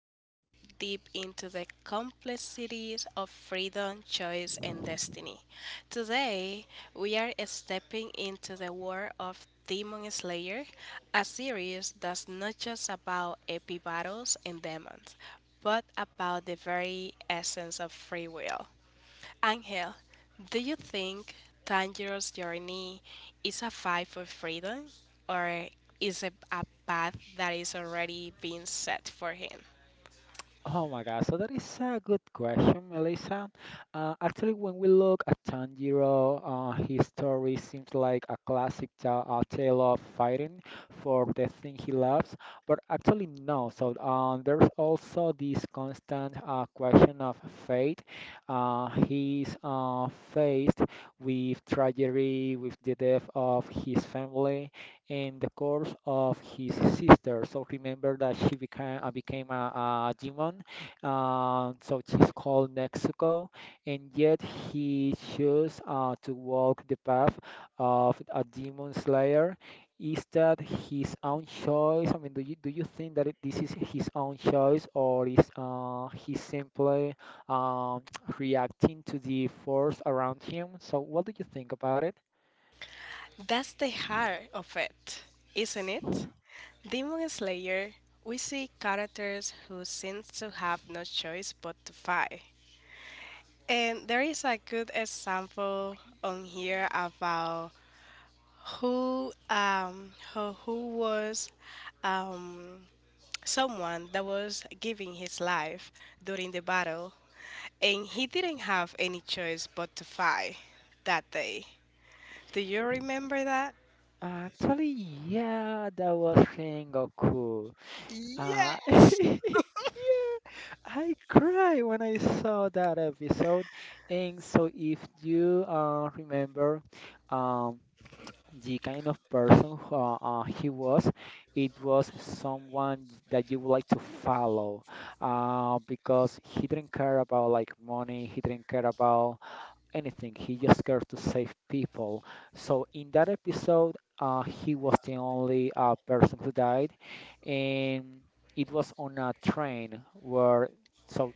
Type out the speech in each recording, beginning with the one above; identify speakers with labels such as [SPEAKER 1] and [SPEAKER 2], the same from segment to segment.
[SPEAKER 1] dive deep into the complexities of freedom, choice, and destiny. Today, we are stepping into the world of Demon Slayer, a series that's not just about epic battles and demons, but about the very essence of free will. Angel, do you think Tangiro's journey is a fight for freedom or is it a path that is already being set for him?
[SPEAKER 2] Oh my God, so that is a good question, Melissa. Actually, when we look at Tanjiro, his story seems like a classic ta tale of fighting for the thing he loves, but actually no. So there's also this constant question of fate. He's faced with tragedy, with the death of his family, in the course of his sister. So remember that she became a demon, so she's called Nexico, and yet he chose to walk the path of a demon slayer. Is that his own choice? I mean, do you think that this is his own choice, or is he simply um, reacting to the force around him? So, what do you think about it?
[SPEAKER 1] That's the heart of it, isn't it? Demon Slayer, we see characters who seem to have no choice but to fight. And there is a good example on here about who was um someone that was giving his life during the battle, and he didn't have any choice but to fight that day. Do you remember that?
[SPEAKER 2] Actually, yeah, that was Rengoku.
[SPEAKER 1] Yes.
[SPEAKER 2] Yeah, I cried when I saw that episode. And so, if you remember, um, the kind of person he was, it was someone that you would like to follow, because he didn't care about like money, he didn't care about anything. He just cares to save people. So in that episode, he was the only person who died, and it was on a train where so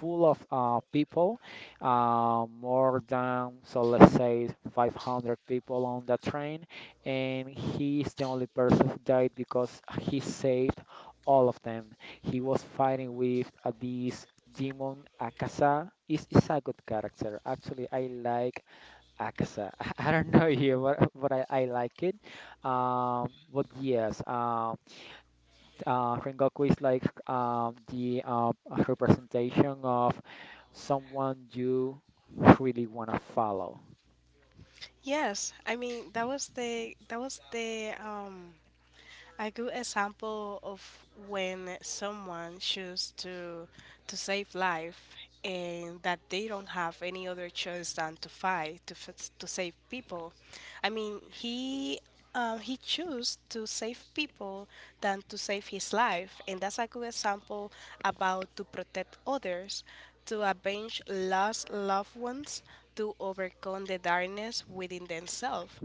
[SPEAKER 2] full of people, more than, so let's say 500 people on that train, and he is the only person who died because he saved all of them. He was fighting with this demon Akaza. Is a good character. Actually, I like Akaza. I don't know you, but, but I like it. But yes, Rengoku is like the representation of someone you really want to follow.
[SPEAKER 1] Yes, I mean that was the a good example of when someone chooses to save life and that they don't have any other choice than to fight to to save people. I mean, he chose to save people than to save his life, and that's a good example about to protect others, to avenge lost loved ones, to overcome the darkness within themselves.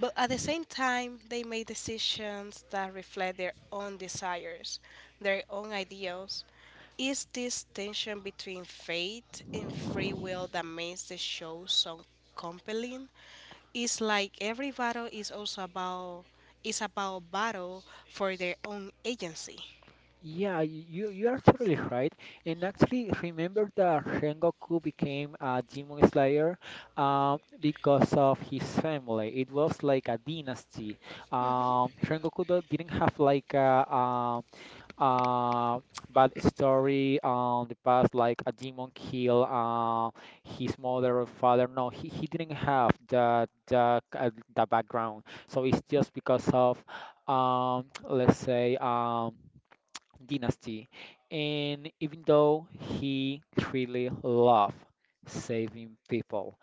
[SPEAKER 1] But at the same time, they make decisions that reflect their own desires, their own ideals. It's this tension between fate and free will that makes the show so compelling. It's like every battle is also about is about battle for their own agency.
[SPEAKER 2] Yeah, you are totally right. And actually, remember that Rengoku became a demon slayer because of his family. It was like a dynasty. Rengoku didn't have like a, uh, bad story on the past, like a demon kill his mother or father. No, he didn't have that the background. So it's just because of let's say dynasty, and even though he really loved saving people,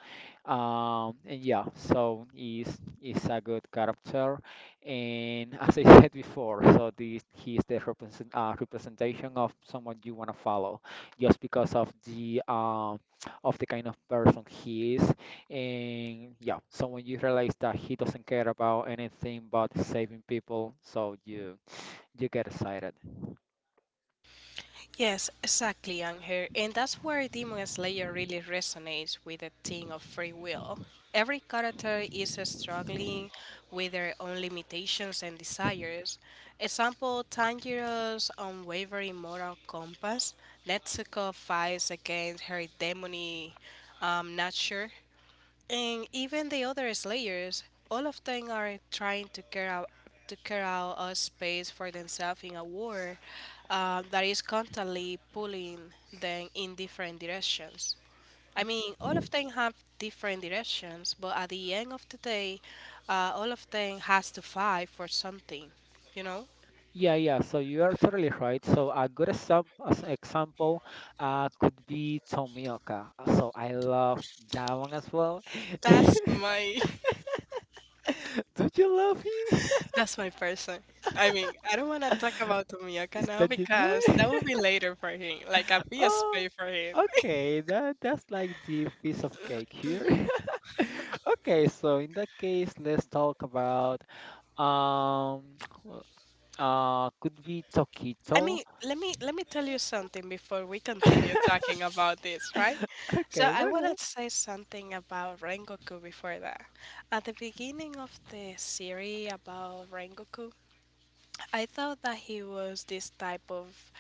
[SPEAKER 2] and yeah, so is a good character, and as I said before, so this he is the representation of someone you want to follow, just because of the kind of person he is, and yeah, so when you realize that he doesn't care about anything but saving people, so you get excited.
[SPEAKER 1] Yes, exactly, Angel. And that's where Demon Slayer really resonates with the theme of free will. Every character is struggling with their own limitations and desires. Example Tanjiro's unwavering moral compass, Netsuko fights against her demony nature, and even the other slayers, all of them are trying to carve out a space for themselves in a war that is constantly pulling them in different directions. I mean, all of them have different directions, but at the end of the day, all of them has to fight for something. You know,
[SPEAKER 2] Yeah, yeah. So you are totally right. So a good exam- as example could be Tomioka. So I love that one as well. Do
[SPEAKER 1] that's my
[SPEAKER 2] you love him?
[SPEAKER 1] that's my person. I mean, I don't want to talk about Tomioka
[SPEAKER 2] Is
[SPEAKER 1] now
[SPEAKER 2] that it
[SPEAKER 1] because that
[SPEAKER 2] word?
[SPEAKER 1] will be later for him. Like, I'll be a
[SPEAKER 2] Oh,
[SPEAKER 1] space for him.
[SPEAKER 2] okay. That's like the piece of cake here. Okay, so in that case, let's talk about um could be
[SPEAKER 1] I
[SPEAKER 2] Tokito.
[SPEAKER 1] mean, let me tell you something before we continue talking about this, right? So
[SPEAKER 2] Okay,
[SPEAKER 1] I wanna
[SPEAKER 2] go.
[SPEAKER 1] say something about Rengoku before that. At the beginning of the series about Rengoku, I thought that he was this type of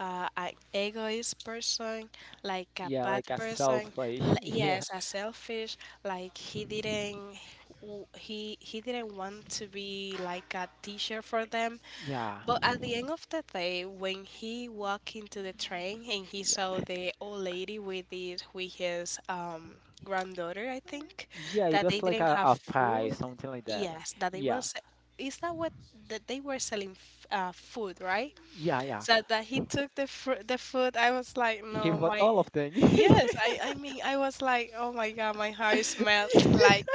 [SPEAKER 1] an egoist person, like a
[SPEAKER 2] Yeah,
[SPEAKER 1] bad
[SPEAKER 2] like a
[SPEAKER 1] person.
[SPEAKER 2] selfie. Yeah,
[SPEAKER 1] Yes, a selfish. Like he didn't want to be like a teacher for them,
[SPEAKER 2] yeah,
[SPEAKER 1] but at the end of the day, when he walked into the train and he
[SPEAKER 2] yeah.
[SPEAKER 1] saw the old lady with his granddaughter, I think,
[SPEAKER 2] Yeah, it
[SPEAKER 1] that they
[SPEAKER 2] was like
[SPEAKER 1] didn't
[SPEAKER 2] a,
[SPEAKER 1] have
[SPEAKER 2] a pie,
[SPEAKER 1] food.
[SPEAKER 2] something like that.
[SPEAKER 1] Yes, that they
[SPEAKER 2] Yeah,
[SPEAKER 1] was. Is that what that they were selling food, right?
[SPEAKER 2] yeah, yeah.
[SPEAKER 1] So that he took the the food. I was like,
[SPEAKER 2] He
[SPEAKER 1] no,
[SPEAKER 2] bought
[SPEAKER 1] my.
[SPEAKER 2] all of them.
[SPEAKER 1] Yes,
[SPEAKER 2] He's
[SPEAKER 1] I mean I was like, oh my God, my heart is melt like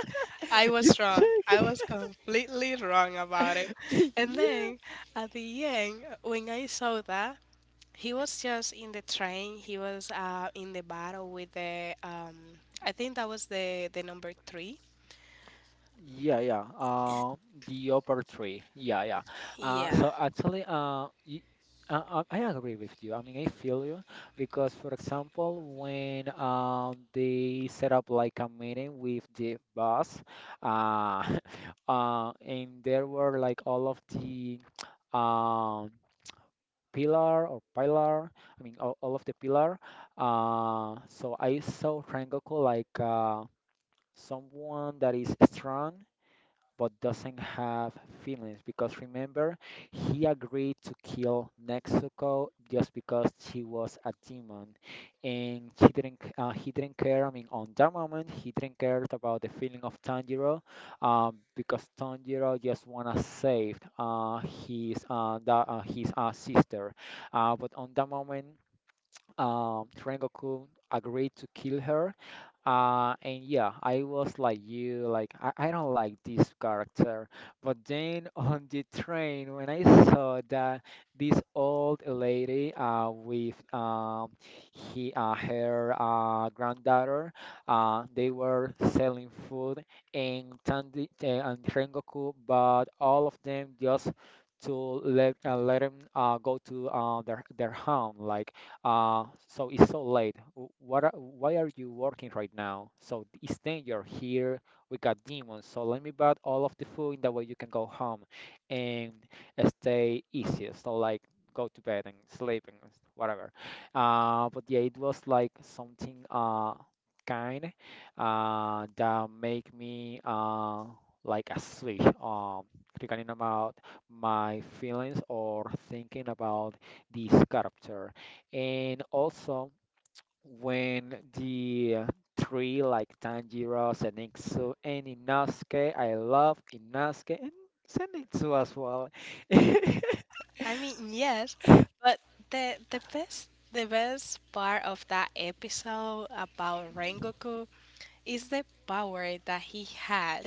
[SPEAKER 1] I was wrong. I
[SPEAKER 2] checking.
[SPEAKER 1] was completely wrong about it. And
[SPEAKER 2] Yeah.
[SPEAKER 1] then at the end, when I saw that, he was just in the train. He was in the battle with I think that was the number three.
[SPEAKER 2] Yeah, yeah. The upper three. Yeah, yeah. Uh,
[SPEAKER 1] Yeah.
[SPEAKER 2] so actually, y I agree with you. I mean, I feel you because, for example, when they set up like a meeting with the boss, uh, and there were like all of the um pillar. I mean, all of the pillar. So I saw Rengoku like someone that is strong but doesn't have feelings because remember, he agreed to kill Nezuko just because she was a demon, and she didn't. He didn't care. I mean, on that moment, he didn't care about the feeling of Tanjiro, because Tanjiro just wanna save his sister. But on that moment, Rengoku agreed to kill her, and yeah, I was like you, like I don't like this character. But then on the train, when I saw that this old lady with he her granddaughter, they were selling food, and Tandi and Rengoku, but all of them just to let him go to their home, like so it's so late. What are, why are you working right now? So it's danger here. We got demons. So let me buy all of the food. That way you can go home and stay easy. So like go to bed and sleep and whatever. But yeah, it was like something kind that make me like a switch regarding about my feelings or thinking about this character and also, when the three like Tanjiros and Ixu and Inosuke, I love Inosuke and Zenitsu as well.
[SPEAKER 1] I mean, yes. But the best part of that episode about Rengoku is the power that he had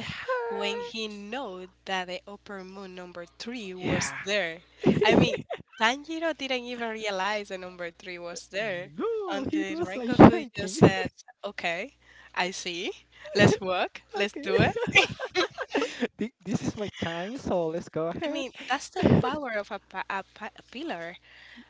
[SPEAKER 1] when he knew that the upper moon number three was
[SPEAKER 2] Yeah.
[SPEAKER 1] there. I mean, Tanjiro didn't even realize the number three was there
[SPEAKER 2] No, he
[SPEAKER 1] until
[SPEAKER 2] was like
[SPEAKER 1] Rengoku just
[SPEAKER 2] shaking.
[SPEAKER 1] said, okay, I see. Let's work. Let's do
[SPEAKER 2] Okay.
[SPEAKER 1] it.
[SPEAKER 2] This is my time, so let's go
[SPEAKER 1] I
[SPEAKER 2] ahead.
[SPEAKER 1] mean, that's the
[SPEAKER 2] Y-
[SPEAKER 1] power of a pillar.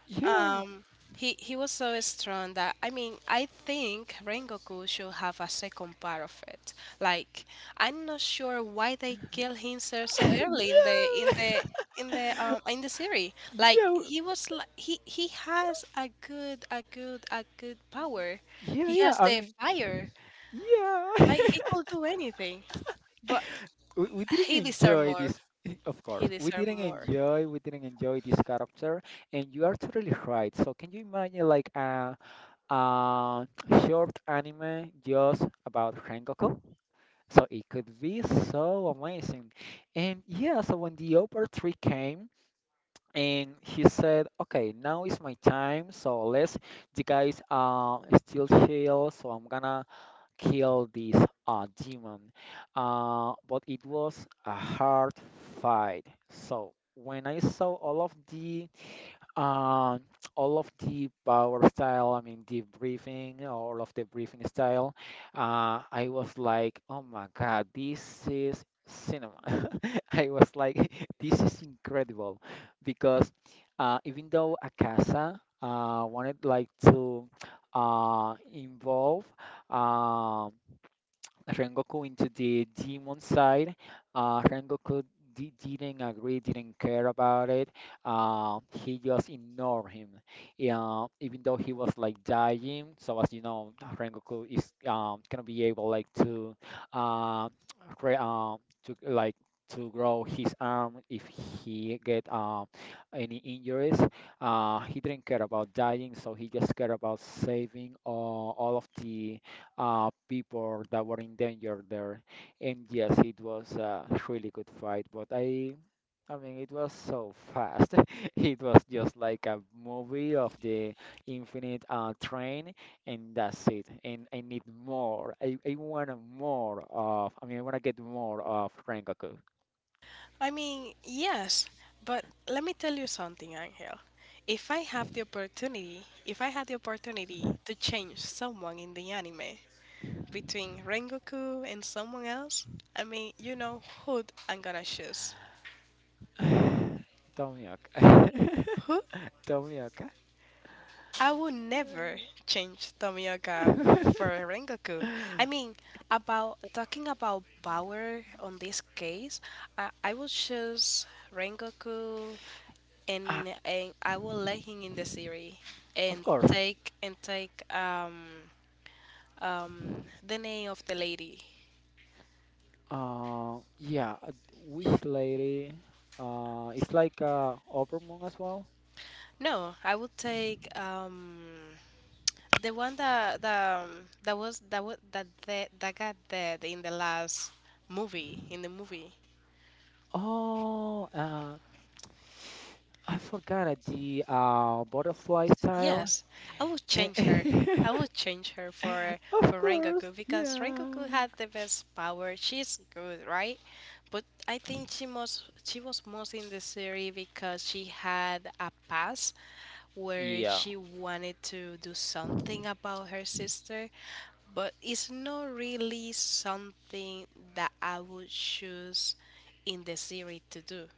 [SPEAKER 2] Yeah.
[SPEAKER 1] Um, he was so strong that I mean I think Rengoku should have a second part of it. Like I'm not sure why they killed him so so early in
[SPEAKER 2] Yeah.
[SPEAKER 1] the series. Like
[SPEAKER 2] Yeah.
[SPEAKER 1] he was like he has a good power.
[SPEAKER 2] Yeah,
[SPEAKER 1] He
[SPEAKER 2] yeah.
[SPEAKER 1] has
[SPEAKER 2] I
[SPEAKER 1] the
[SPEAKER 2] mean,
[SPEAKER 1] fire.
[SPEAKER 2] yeah.
[SPEAKER 1] Like he could do anything, but
[SPEAKER 2] We didn't
[SPEAKER 1] he deserved
[SPEAKER 2] enjoy
[SPEAKER 1] more.
[SPEAKER 2] this of
[SPEAKER 1] He
[SPEAKER 2] course
[SPEAKER 1] deserved more.
[SPEAKER 2] we didn't enjoy this character and you are totally right so can you imagine like a short anime just about rengoku so it could be so amazing and yeah so when the upper three came and he said okay now is my time so let's the guys steal shield so I'm gonna kill this demon. But it was a hard fight. So when I saw uh, all of the power style, I mean the briefing, all of the briefing style, I was like, oh my god, this is cinema. I was like, this is incredible because even though Akasa wanted like to involve um Rengoku into the demon side. Rengoku didn't agree, didn't care about it. Uh, he just ignored him, yeah, even though he was like dying. So as you know, Rengoku is gonna be able like to uh, cre- uh, to like to grow his arm if he get any injuries. He didn't care about dying, so he just cared about saving all of the people that were in danger there. And yes, it was a really good fight, but I mean, it was so fast. It was just like a movie of the infinite train, and that's it. And I need more. I want more of, I mean, I want to get more of Rengoku.
[SPEAKER 1] I mean, yes, but let me tell you something, Angel. If I have the opportunity, If I had the opportunity to change someone in the anime between Rengoku and someone else, I mean, you know who I'm gonna choose.
[SPEAKER 2] Tomioka.
[SPEAKER 1] Who?
[SPEAKER 2] Tomioka.
[SPEAKER 1] I would never change Tomioka for Rengoku. I mean, about talking about power on this case, I would choose Rengoku
[SPEAKER 2] Ah,
[SPEAKER 1] and I will let him in the series
[SPEAKER 2] of course.
[SPEAKER 1] and take um the name of the lady.
[SPEAKER 2] Uh, yeah, uh, Wish Lady. It's like Opera Moon as well.
[SPEAKER 1] No, I would take the one that that, that was that was that that, that got dead in the movie.
[SPEAKER 2] Oh, I forgot it, the butterfly style.
[SPEAKER 1] Yes, I would
[SPEAKER 2] Eh,
[SPEAKER 1] change her. I would change her
[SPEAKER 2] of
[SPEAKER 1] for
[SPEAKER 2] course,
[SPEAKER 1] Rengoku because Rengoku
[SPEAKER 2] yeah.
[SPEAKER 1] had the best power. She's good, right? But I think she was most in the series because she had a past where
[SPEAKER 2] Yeah,
[SPEAKER 1] she wanted to do something about her sister, but it's not really something that I would choose in the series to do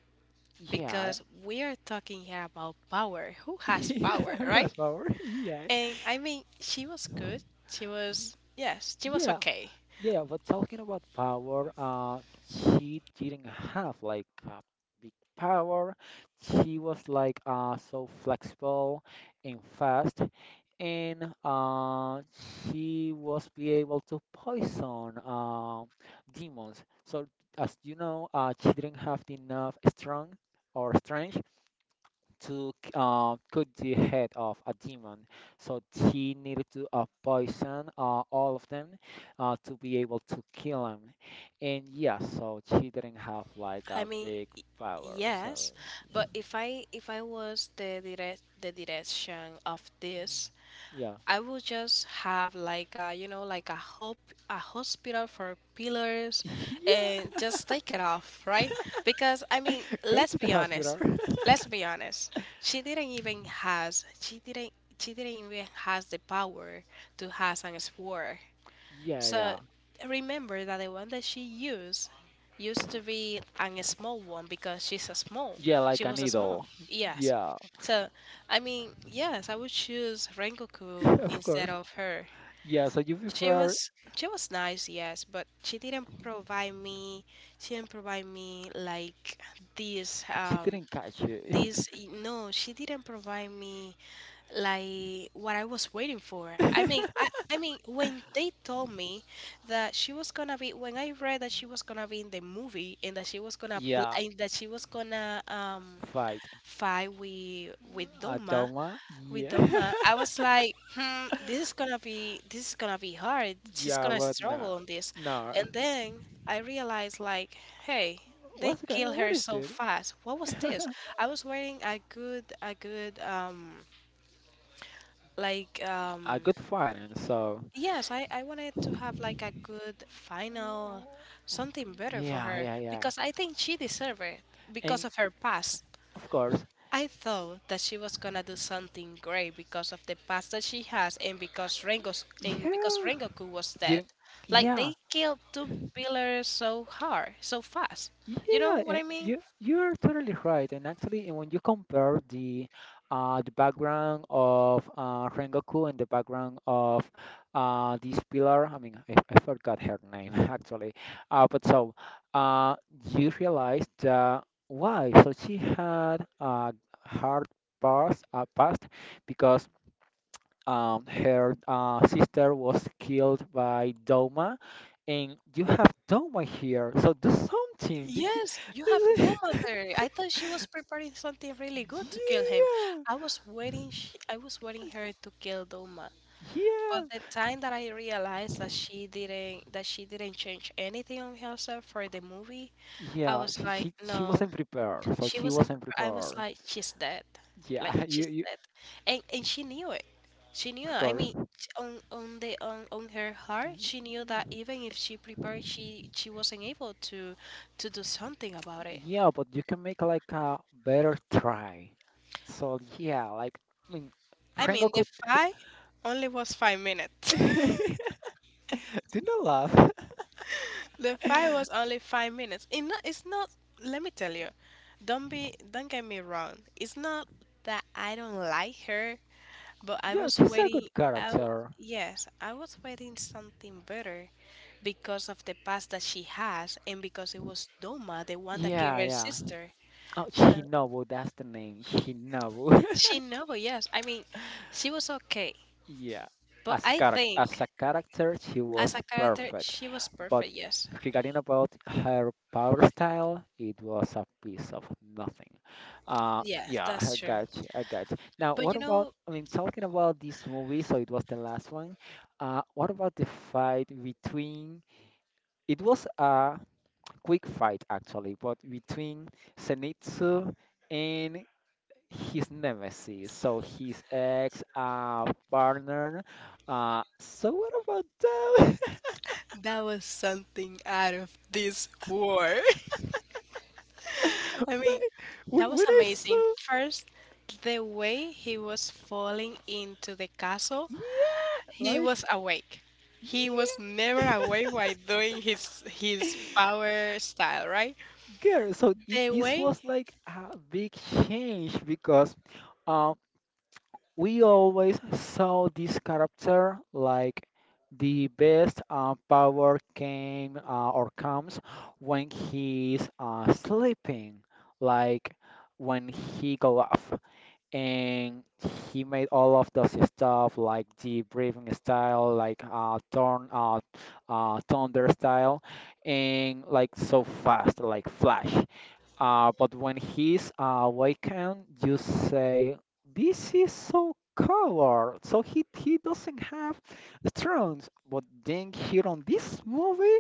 [SPEAKER 2] yeah,
[SPEAKER 1] because we are talking here about power. Who has power, right?
[SPEAKER 2] fast forward, yeah.
[SPEAKER 1] And I mean, she was good. She was, yes, she was
[SPEAKER 2] Yeah.
[SPEAKER 1] okay.
[SPEAKER 2] Yeah, but talking about power, she didn't have like a big power. She was like so flexible and fast, and she was be able to poison demons. So as you know, she didn't have enough strength to cut the head of a demon. So he needed to poison all of them to be able to kill him. And yeah, so she didn't have like
[SPEAKER 1] I
[SPEAKER 2] a
[SPEAKER 1] mean,
[SPEAKER 2] big
[SPEAKER 1] y-
[SPEAKER 2] power.
[SPEAKER 1] yes,
[SPEAKER 2] So
[SPEAKER 1] but if I was the direction of this,
[SPEAKER 2] yeah,
[SPEAKER 1] I would just have like a you know like a hospital for pillars, and
[SPEAKER 2] yeah,
[SPEAKER 1] just take it off, right? Because I mean,
[SPEAKER 2] go
[SPEAKER 1] let's
[SPEAKER 2] to the
[SPEAKER 1] be honest.
[SPEAKER 2] hospital.
[SPEAKER 1] Let's be honest. She didn't even has she didn't she didn't even has the power to has an sword.
[SPEAKER 2] Yeah,
[SPEAKER 1] So
[SPEAKER 2] yeah.
[SPEAKER 1] remember that the one that she used used to be an small one because she's a small.
[SPEAKER 2] Yeah,
[SPEAKER 1] She
[SPEAKER 2] like a
[SPEAKER 1] was a small.
[SPEAKER 2] needle.
[SPEAKER 1] Yes.
[SPEAKER 2] Yeah,
[SPEAKER 1] So I mean, yes, I would choose Rengoku
[SPEAKER 2] of
[SPEAKER 1] instead
[SPEAKER 2] course.
[SPEAKER 1] of her.
[SPEAKER 2] Yeah, so you
[SPEAKER 1] She
[SPEAKER 2] prefer
[SPEAKER 1] was she was nice, yes, but she didn't provide me she didn't provide me like this
[SPEAKER 2] she didn't catch you.
[SPEAKER 1] this no she didn't provide me like what I was waiting for. I mean when they told me that she was gonna be when I read that she was gonna be in the movie and that she was gonna
[SPEAKER 2] Yeah, fight.
[SPEAKER 1] fight with
[SPEAKER 2] A
[SPEAKER 1] doma
[SPEAKER 2] Doma,
[SPEAKER 1] with Doma, I was like, hmm, this is gonna be hard. She's gonna struggle on this. And then I realized like, hey, they kill her so fast. What was this? I was wearing a good like
[SPEAKER 2] a
[SPEAKER 1] um
[SPEAKER 2] good fighting, so
[SPEAKER 1] yes, I wanted to have like a good final, something better for
[SPEAKER 2] yeah,
[SPEAKER 1] her
[SPEAKER 2] yeah, yeah.
[SPEAKER 1] because I think she deserved it because
[SPEAKER 2] And
[SPEAKER 1] of her past.
[SPEAKER 2] of course,
[SPEAKER 1] I thought that she was gonna do something great because of the past that she has and because
[SPEAKER 2] yeah,
[SPEAKER 1] Rengoku was dead.
[SPEAKER 2] didn't,
[SPEAKER 1] Like
[SPEAKER 2] yeah,
[SPEAKER 1] they killed two pillars so hard, so fast. You know
[SPEAKER 2] yeah,
[SPEAKER 1] what
[SPEAKER 2] eh,
[SPEAKER 1] I mean?
[SPEAKER 2] you're totally right. And actually, and when you compare the background of Rengoku and the background of this pillar, I mean, I forgot her name actually. But so uh you realize that why? So she had a hard past because her sister was killed by Doma, and you have Doma here, so do something.
[SPEAKER 1] Yes, you have
[SPEAKER 2] You-
[SPEAKER 1] no
[SPEAKER 2] you-
[SPEAKER 1] mother. I thought she was preparing something really good to kill him.
[SPEAKER 2] yeah,
[SPEAKER 1] I was waiting her to kill Doma. But
[SPEAKER 2] yeah,
[SPEAKER 1] the time that I realized that she didn't change anything on herself for the movie, I
[SPEAKER 2] yeah.
[SPEAKER 1] was
[SPEAKER 2] She,
[SPEAKER 1] like,
[SPEAKER 2] she she
[SPEAKER 1] no,
[SPEAKER 2] wasn't prepared, so
[SPEAKER 1] she
[SPEAKER 2] she
[SPEAKER 1] wasn't
[SPEAKER 2] wasn't
[SPEAKER 1] prepared. I was
[SPEAKER 2] prepared.
[SPEAKER 1] like, she's dead. Like
[SPEAKER 2] Yeah, you
[SPEAKER 1] she's
[SPEAKER 2] you
[SPEAKER 1] dead. And she knew it. She knew
[SPEAKER 2] of
[SPEAKER 1] it. I
[SPEAKER 2] course.
[SPEAKER 1] mean on her heart she knew that even if she prepared she wasn't able to do something about it.
[SPEAKER 2] Yeah, but you can make like a better try. So yeah, like I mean,
[SPEAKER 1] I mean the
[SPEAKER 2] Rengoku.
[SPEAKER 1] fight only was 5 minutes. The fight was only 5 minutes. It's not, let me tell you, don't get me wrong. It's not that I don't like her, but I
[SPEAKER 2] Yeah,
[SPEAKER 1] was
[SPEAKER 2] she's a
[SPEAKER 1] waiting
[SPEAKER 2] good
[SPEAKER 1] out.
[SPEAKER 2] character.
[SPEAKER 1] Yes, I was waiting something better because of the past that she has and because it was Doma, the one that killed
[SPEAKER 2] Yeah,
[SPEAKER 1] her
[SPEAKER 2] yeah.
[SPEAKER 1] sister.
[SPEAKER 2] Oh,
[SPEAKER 1] So
[SPEAKER 2] Shinobu, that's the name. Shinobu.
[SPEAKER 1] she know, yes. I mean, she was okay.
[SPEAKER 2] Yeah.
[SPEAKER 1] But
[SPEAKER 2] As
[SPEAKER 1] I
[SPEAKER 2] character, as
[SPEAKER 1] think
[SPEAKER 2] a character, she
[SPEAKER 1] as
[SPEAKER 2] was
[SPEAKER 1] a character,
[SPEAKER 2] perfect.
[SPEAKER 1] she was
[SPEAKER 2] But
[SPEAKER 1] perfect, yes.
[SPEAKER 2] regarding about her power style, it was a piece of nothing.
[SPEAKER 1] Yes,
[SPEAKER 2] Yeah,
[SPEAKER 1] that's
[SPEAKER 2] I
[SPEAKER 1] true.
[SPEAKER 2] got you, I got you. Now,
[SPEAKER 1] But
[SPEAKER 2] what
[SPEAKER 1] you
[SPEAKER 2] about,
[SPEAKER 1] know,
[SPEAKER 2] I mean, talking about this movie, so it was the last one. What about the fight between, it was a quick fight actually, but between Zenitsu and his nemesis, so his ex partner. So what about that?
[SPEAKER 1] that was something out of this war. I
[SPEAKER 2] when,
[SPEAKER 1] mean, that
[SPEAKER 2] when
[SPEAKER 1] was
[SPEAKER 2] when I
[SPEAKER 1] amazing.
[SPEAKER 2] saw,
[SPEAKER 1] First, the way he was falling into the castle,
[SPEAKER 2] yeah,
[SPEAKER 1] he
[SPEAKER 2] like
[SPEAKER 1] was awake. He was never awake while doing
[SPEAKER 2] yeah,
[SPEAKER 1] his power style, right?
[SPEAKER 2] girl. So it,
[SPEAKER 1] The
[SPEAKER 2] this
[SPEAKER 1] way,
[SPEAKER 2] was like a big change because, um. We always saw this character like the best power came or comes when he's sleeping, like when he go off and he made all of those stuff like the breathing style, like turn thunder style, and like so fast, like flash. But when he's awakened, you say, "This is so colored, so he doesn't have thrones." But then here on this movie,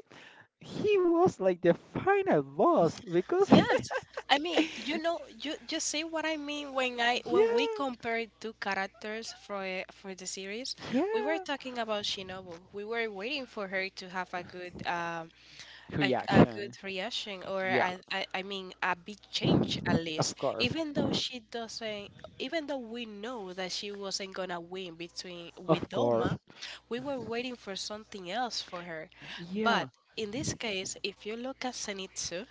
[SPEAKER 2] he was like the final boss because
[SPEAKER 1] yes. I mean, you know, you see what I mean when I when we
[SPEAKER 2] yeah,
[SPEAKER 1] compared two characters for the series. We were
[SPEAKER 2] yeah,
[SPEAKER 1] talking about Shinobu. We were waiting for her to have a good
[SPEAKER 2] reaction,
[SPEAKER 1] reaction, or
[SPEAKER 2] yeah,
[SPEAKER 1] I mean a big change at least,
[SPEAKER 2] of course,
[SPEAKER 1] even though she doesn't even though we know that she wasn't gonna win between with
[SPEAKER 2] of
[SPEAKER 1] Doma,
[SPEAKER 2] course,
[SPEAKER 1] we were waiting for something else for her,
[SPEAKER 2] yeah.
[SPEAKER 1] but in this case if you look at Zenitsu,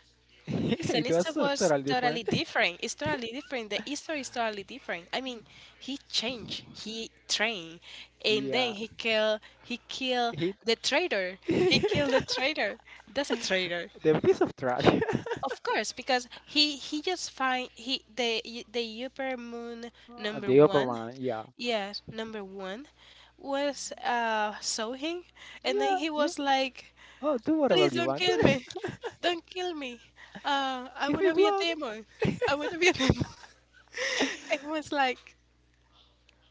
[SPEAKER 2] It was
[SPEAKER 1] Stanista
[SPEAKER 2] so
[SPEAKER 1] was
[SPEAKER 2] totally
[SPEAKER 1] totally
[SPEAKER 2] different.
[SPEAKER 1] different. It's totally different. The history is totally different. I mean, he changed. He trained, and then
[SPEAKER 2] Yeah,
[SPEAKER 1] he killed. He killed
[SPEAKER 2] he
[SPEAKER 1] the traitor. He
[SPEAKER 2] the
[SPEAKER 1] killed the traitor. That's a traitor,
[SPEAKER 2] piece of trash.
[SPEAKER 1] of course, because he just find he the upper moon number
[SPEAKER 2] The upper
[SPEAKER 1] one.
[SPEAKER 2] one, yeah.
[SPEAKER 1] Yes, number one was saw him, and then he
[SPEAKER 2] Yeah,
[SPEAKER 1] was like,
[SPEAKER 2] oh, do whatever
[SPEAKER 1] "Please
[SPEAKER 2] you
[SPEAKER 1] don't
[SPEAKER 2] want.
[SPEAKER 1] kill me. Don't kill me. I
[SPEAKER 2] Give me
[SPEAKER 1] wanna be a
[SPEAKER 2] blood.
[SPEAKER 1] demon. I wanna be a demon." It was like,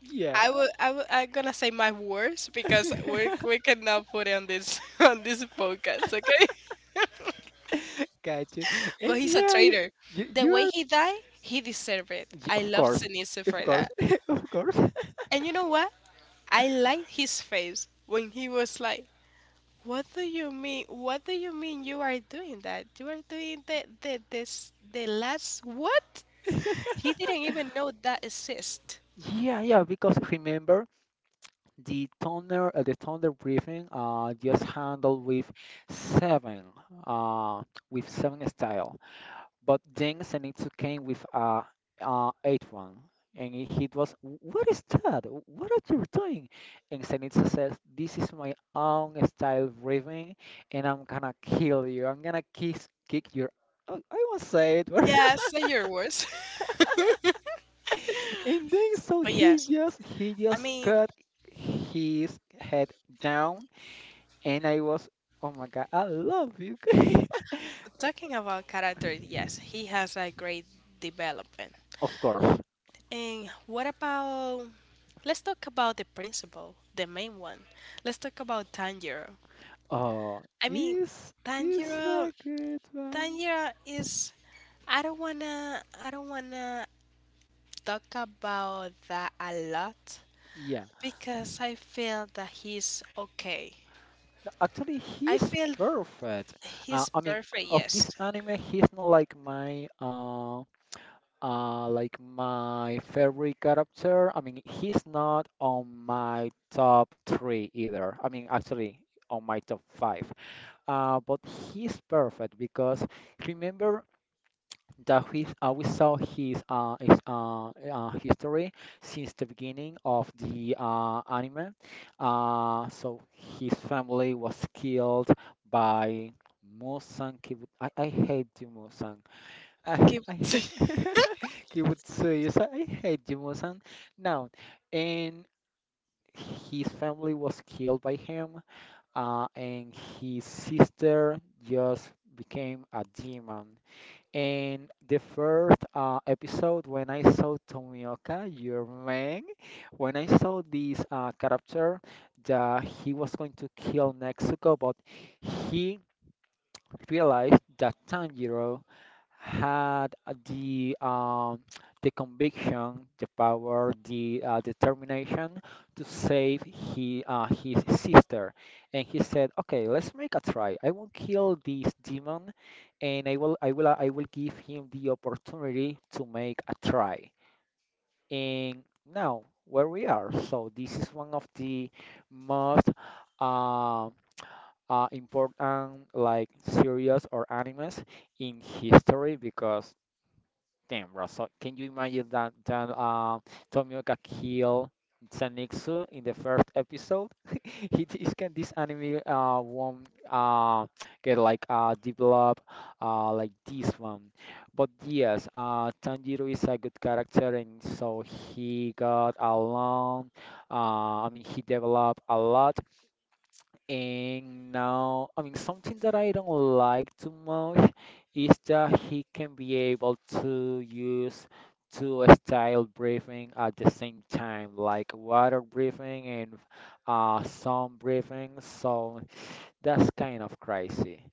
[SPEAKER 2] Yeah.
[SPEAKER 1] I will. I will. I'm gonna say my worst because we we cannot put it on this on this podcast, okay?
[SPEAKER 2] Got you. And
[SPEAKER 1] But he's a
[SPEAKER 2] yeah, you,
[SPEAKER 1] traitor.
[SPEAKER 2] you,
[SPEAKER 1] The
[SPEAKER 2] you
[SPEAKER 1] way
[SPEAKER 2] are,
[SPEAKER 1] he died, he deserved it.
[SPEAKER 2] y-
[SPEAKER 1] I love Sinise
[SPEAKER 2] of
[SPEAKER 1] for
[SPEAKER 2] course,
[SPEAKER 1] that.
[SPEAKER 2] of course.
[SPEAKER 1] And you know what? I liked his face when he was like, "What do you mean? What do you mean you are doing that? You are doing the last what?" He didn't even know that exists.
[SPEAKER 2] Yeah, yeah, because remember the toner briefing, just handled seven, uh, with seven style. But then Zenitsu came with a 8-1, and he was, what is that? What are you doing? And Zenitsu says, this is my own style of breathing, and I'm gonna kill you. I'm gonna kick your, I won't say it, but
[SPEAKER 1] Yes, you're worse.
[SPEAKER 2] and then so
[SPEAKER 1] But yes,
[SPEAKER 2] he
[SPEAKER 1] I
[SPEAKER 2] just
[SPEAKER 1] mean,
[SPEAKER 2] cut his head down, and I was, oh my God, I love you.
[SPEAKER 1] talking about character, yes, he has a great development.
[SPEAKER 2] Of course.
[SPEAKER 1] And what about, let's talk about the principal, the main one. Let's talk about Tanjiro.
[SPEAKER 2] Oh,
[SPEAKER 1] I mean,
[SPEAKER 2] is
[SPEAKER 1] Tanjiro,
[SPEAKER 2] a good one.
[SPEAKER 1] Tanjiro is, I don't wanna talk about that a lot
[SPEAKER 2] Yeah,
[SPEAKER 1] because I feel that he's okay.
[SPEAKER 2] actually,
[SPEAKER 1] I
[SPEAKER 2] he's
[SPEAKER 1] feel
[SPEAKER 2] perfect.
[SPEAKER 1] He's
[SPEAKER 2] I mean,
[SPEAKER 1] perfect,
[SPEAKER 2] of
[SPEAKER 1] yes.
[SPEAKER 2] this anime, he's not like my favorite character. I mean, he's not on my top three either. I mean, actually, on my top five. But he's perfect because remember that we saw his history since the beginning of the anime. So his family was killed by Muzan Kibu. I hate you, Muzan.
[SPEAKER 1] Give
[SPEAKER 2] I
[SPEAKER 1] it to-
[SPEAKER 2] hate Kibutsuyu. So I hate you, Muzan. Now, and his family was killed by him, and his sister just became a demon. And the first episode, when I saw Tomioka, your man, when I saw this character that he was going to kill Nezuko, but he realized that Tanjiro had the the conviction, the power, the determination to save his sister. And he said, "Okay, let's make a try. I won't kill this demon, and I will give him the opportunity to make a try." And now where we are. So this is one of the most um, important like series or animes in history because damn Russell, can you imagine that Tomioka killed Zenitsu in the first episode? It is can this anime won't get like develop like this one. But yes, Tanjiro is a good character and so he got along. I mean he developed a lot and now, I mean, something that I don't like too much is that he can be able to use two style breathing at the same time, like water breathing and sun breathing. So that's kind of crazy.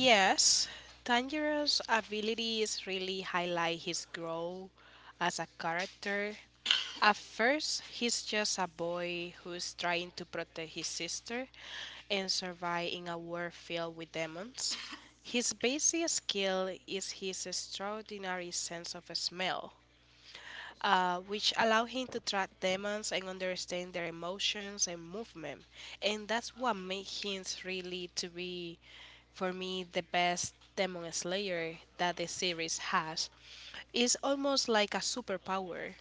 [SPEAKER 1] Yes, Tanjiro's abilities really highlight his growth as a character. At first, he's just a boy who's trying to protect his sister and survive in a world filled with demons. His basic skill is his extraordinary sense of smell, which allow him to track demons and understand their emotions and movement. And that's what makes him really to be, for me, the best demon slayer that the series has is almost like a superpower,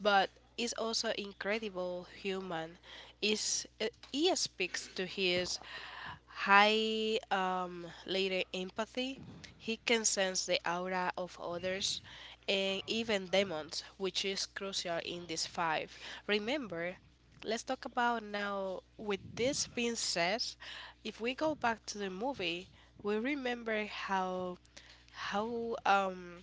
[SPEAKER 1] but is also incredible human. Is He speaks to his high later empathy. He can sense the aura of others and even demons, which is crucial in this five. Remember, let's talk about now. With this being said, if we go back to the movie, we remember how how um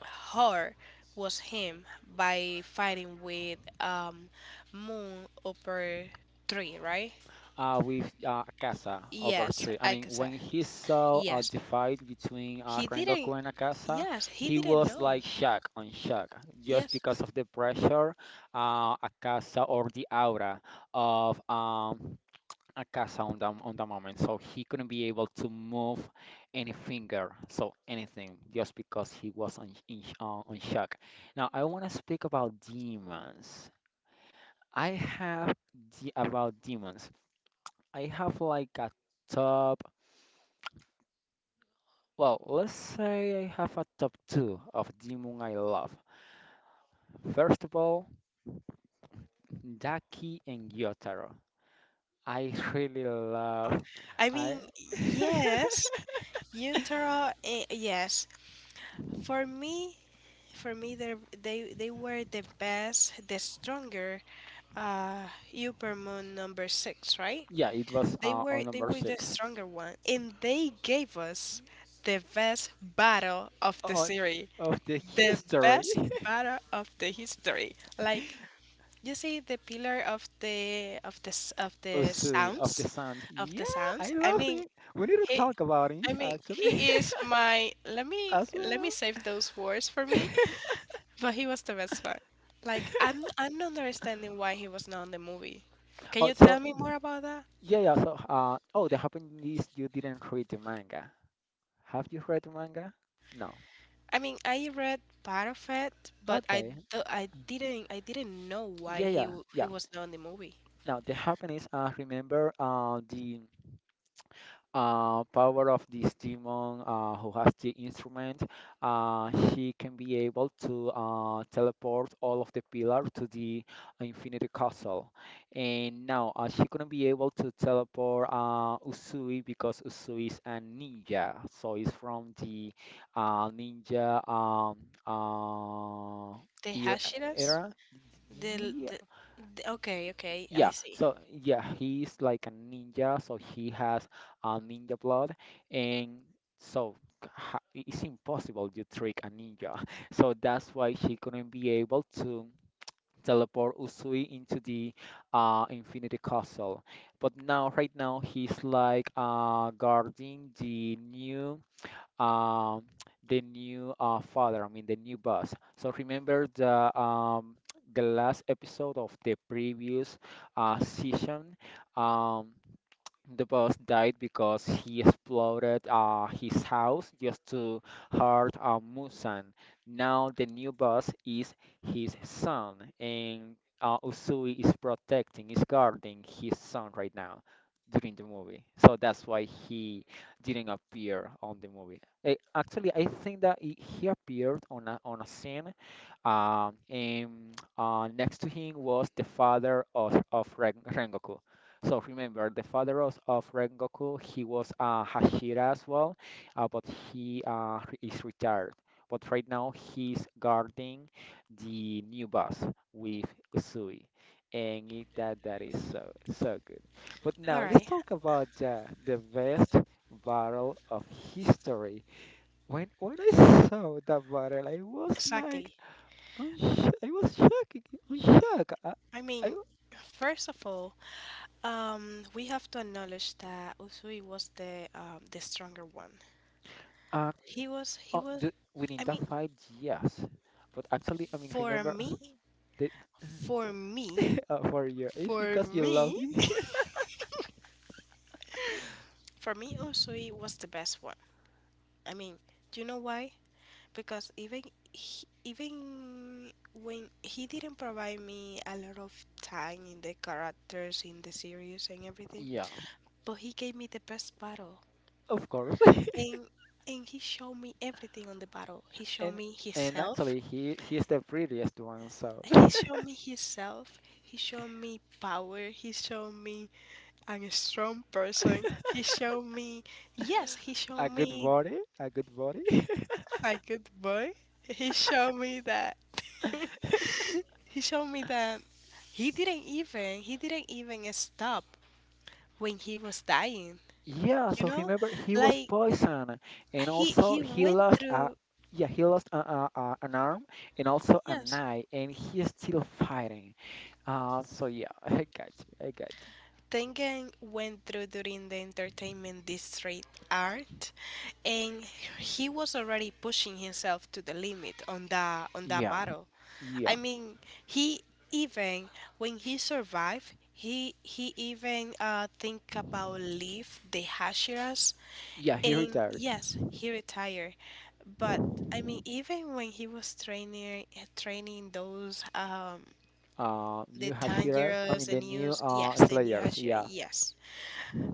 [SPEAKER 1] Hor was him by fighting with Moon Upper 3, right?
[SPEAKER 2] With Akasa over
[SPEAKER 1] Yes,
[SPEAKER 2] three. I
[SPEAKER 1] I
[SPEAKER 2] mean,
[SPEAKER 1] can say.
[SPEAKER 2] when he saw
[SPEAKER 1] Yes.
[SPEAKER 2] the fight between
[SPEAKER 1] He didn't.
[SPEAKER 2] Rengoku and Akasa,
[SPEAKER 1] Yes, he
[SPEAKER 2] he
[SPEAKER 1] didn't
[SPEAKER 2] was
[SPEAKER 1] know.
[SPEAKER 2] like shocked on shock just
[SPEAKER 1] Yes.
[SPEAKER 2] because of the pressure, Akasa or the aura of Akasa on the moment. So he couldn't be able to move any finger, so anything, just because he was on, in, on shock. Now, I want to speak about demons. I have the about demons. I have like a top, well, let's say I have a top two of Demon I love. First of all, Daki and Gyotaro. I really love,
[SPEAKER 1] I
[SPEAKER 2] I
[SPEAKER 1] mean, yes, Utero. Yes, for me, for me, they were the best, the stronger, uh, Upper Moon number six, right?
[SPEAKER 2] yeah, it was
[SPEAKER 1] They were
[SPEAKER 2] on
[SPEAKER 1] they
[SPEAKER 2] number
[SPEAKER 1] were the
[SPEAKER 2] six.
[SPEAKER 1] stronger one, and they gave us the best battle of the
[SPEAKER 2] Oh,
[SPEAKER 1] series,
[SPEAKER 2] of the
[SPEAKER 1] the
[SPEAKER 2] history,
[SPEAKER 1] best battle of the history. Like you see, the pillar
[SPEAKER 2] Usui of the Sun.
[SPEAKER 1] of
[SPEAKER 2] Yeah,
[SPEAKER 1] the
[SPEAKER 2] I
[SPEAKER 1] sounds. I
[SPEAKER 2] love
[SPEAKER 1] mean,
[SPEAKER 2] it. We need to
[SPEAKER 1] he.
[SPEAKER 2] talk about
[SPEAKER 1] I
[SPEAKER 2] it
[SPEAKER 1] mean,
[SPEAKER 2] actually
[SPEAKER 1] he is my. Let me
[SPEAKER 2] as well.
[SPEAKER 1] save those words for me. But he was the best part. Like I'm not understanding why he was not in the movie. Can
[SPEAKER 2] Oh,
[SPEAKER 1] you
[SPEAKER 2] so
[SPEAKER 1] tell me more about that?
[SPEAKER 2] yeah, yeah. So, oh, the happened is you didn't read the manga. Have you read manga? No.
[SPEAKER 1] I mean, I read part of it, but I,
[SPEAKER 2] Okay.
[SPEAKER 1] do, I didn't I didn't know why
[SPEAKER 2] Yeah, yeah,
[SPEAKER 1] he
[SPEAKER 2] yeah.
[SPEAKER 1] was not in the movie.
[SPEAKER 2] Now the Japanese remember the power of this demon who has the instrument. She can be able to teleport all of the pillar to the Infinity Castle, and now she couldn't be able to teleport Usui because Usui is a ninja, so it's from the ninja uh,
[SPEAKER 1] The Hashiras,
[SPEAKER 2] era.
[SPEAKER 1] the, l-
[SPEAKER 2] Yeah,
[SPEAKER 1] the okay, okay, I
[SPEAKER 2] yeah.
[SPEAKER 1] see.
[SPEAKER 2] So yeah, he's like a ninja, so he has a ninja blood, and so it's impossible to trick a ninja. So that's why she couldn't be able to teleport Usui into the Infinity Castle. But now, right now, he's like guarding the new um, father, I mean the new boss. So remember the um, last episode of the previous season. Um, the boss died because he exploded his house just to hurt Musan. Now the new boss is his son, and Usui is protecting, is guarding his son right now during the movie. So that's why he didn't appear on the movie. Eh, actually, I think that he appeared on a scene and next to him was the father of Ren Rengoku. So remember, the father of Rengoku, he was Hashira as well, but he is retired. But right now, he's guarding the new boss with Usui. And it, that that is so so good. But
[SPEAKER 1] All
[SPEAKER 2] now let's
[SPEAKER 1] right,
[SPEAKER 2] talk about the best battle of history. When I saw that battle, I was like,
[SPEAKER 1] exactly.
[SPEAKER 2] I was shocked. I'm shocked.
[SPEAKER 1] I
[SPEAKER 2] I
[SPEAKER 1] mean, first of all, we have to acknowledge that Usui was the stronger one.
[SPEAKER 2] uh,
[SPEAKER 1] He was he
[SPEAKER 2] uh,
[SPEAKER 1] was.
[SPEAKER 2] the,
[SPEAKER 1] I
[SPEAKER 2] within that
[SPEAKER 1] mean,
[SPEAKER 2] 5 years. But actually, I mean,
[SPEAKER 1] for
[SPEAKER 2] remember
[SPEAKER 1] me,
[SPEAKER 2] the,
[SPEAKER 1] for me,
[SPEAKER 2] for you, it's
[SPEAKER 1] for
[SPEAKER 2] because you love
[SPEAKER 1] me,
[SPEAKER 2] me.
[SPEAKER 1] for me, Usui was the best one. I mean, do you know why? Because even even when he didn't provide me a lot of time in the characters in the series and everything,
[SPEAKER 2] Yeah,
[SPEAKER 1] but he gave me the best battle
[SPEAKER 2] of course.
[SPEAKER 1] and he showed me everything on the battle. He showed
[SPEAKER 2] And
[SPEAKER 1] me
[SPEAKER 2] and
[SPEAKER 1] himself.
[SPEAKER 2] actually, he is the prettiest one. So
[SPEAKER 1] He showed me himself. He showed me power. He showed me I'm a strong person. He showed me yes. He showed
[SPEAKER 2] a good
[SPEAKER 1] me
[SPEAKER 2] body, a good body.
[SPEAKER 1] I good boy. He showed me that. He showed me that he didn't even stop when he was dying.
[SPEAKER 2] Yeah,
[SPEAKER 1] You
[SPEAKER 2] so
[SPEAKER 1] know,
[SPEAKER 2] remember he was
[SPEAKER 1] like
[SPEAKER 2] poisoned, and
[SPEAKER 1] he
[SPEAKER 2] also
[SPEAKER 1] he
[SPEAKER 2] he
[SPEAKER 1] went
[SPEAKER 2] lost a
[SPEAKER 1] through.
[SPEAKER 2] yeah he lost an arm and also an
[SPEAKER 1] Yes.
[SPEAKER 2] eye, and he is still fighting. So yeah, I got you, I got
[SPEAKER 1] Tengen went through during the entertainment district art, and he was already pushing himself to the limit on that on
[SPEAKER 2] you.
[SPEAKER 1] that
[SPEAKER 2] Yeah,
[SPEAKER 1] battle. I
[SPEAKER 2] yeah,
[SPEAKER 1] mean, he even when he survived, he even think about leave the Hashiras,
[SPEAKER 2] yeah. He
[SPEAKER 1] and
[SPEAKER 2] retired.
[SPEAKER 1] yes, he retired. But I mean, even when he was training those the
[SPEAKER 2] New Hashiras. I mean
[SPEAKER 1] Tangeros
[SPEAKER 2] the
[SPEAKER 1] and
[SPEAKER 2] new
[SPEAKER 1] news, yes, the new
[SPEAKER 2] Slayers.
[SPEAKER 1] Hashira,
[SPEAKER 2] Yeah,
[SPEAKER 1] yes.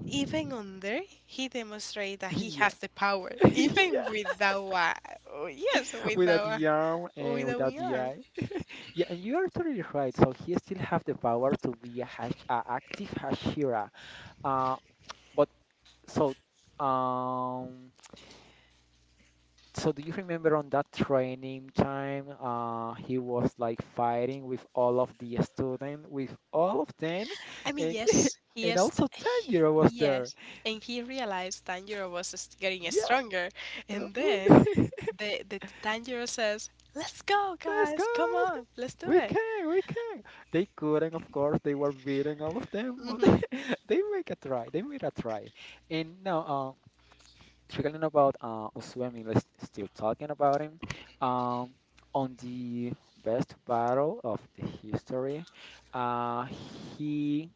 [SPEAKER 1] Even on there, he demonstrated that he
[SPEAKER 2] yeah,
[SPEAKER 1] has the power, even
[SPEAKER 2] yeah.
[SPEAKER 1] without a, yes,
[SPEAKER 2] Without the arm and
[SPEAKER 1] without
[SPEAKER 2] without
[SPEAKER 1] an
[SPEAKER 2] the
[SPEAKER 1] arm.
[SPEAKER 2] eye. Yeah, and you are totally right. So he still have the power to be a hash, a active Hashira. Uh, but So, um, so do you remember on that training time, he was like fighting with all of the students, with all of them,
[SPEAKER 1] I mean,
[SPEAKER 2] and
[SPEAKER 1] yes, he
[SPEAKER 2] and
[SPEAKER 1] is.
[SPEAKER 2] also
[SPEAKER 1] Th-
[SPEAKER 2] Tanjiro was there.
[SPEAKER 1] Yes, and he realized Tanjiro was getting
[SPEAKER 2] Yeah,
[SPEAKER 1] stronger, and
[SPEAKER 2] ooh.
[SPEAKER 1] then
[SPEAKER 2] Let's
[SPEAKER 1] the Tanjiro says, "Let's go,
[SPEAKER 2] go, let's go.
[SPEAKER 1] guys! Come on, let's do
[SPEAKER 2] We
[SPEAKER 1] it."
[SPEAKER 2] can, we can. They couldn't, of course. They were beating all of them, but
[SPEAKER 1] Hmm.
[SPEAKER 2] they make a try. They made a try. And now, speaking about Usui, let's still talking about him. Um, on the best battle of the history, uh, he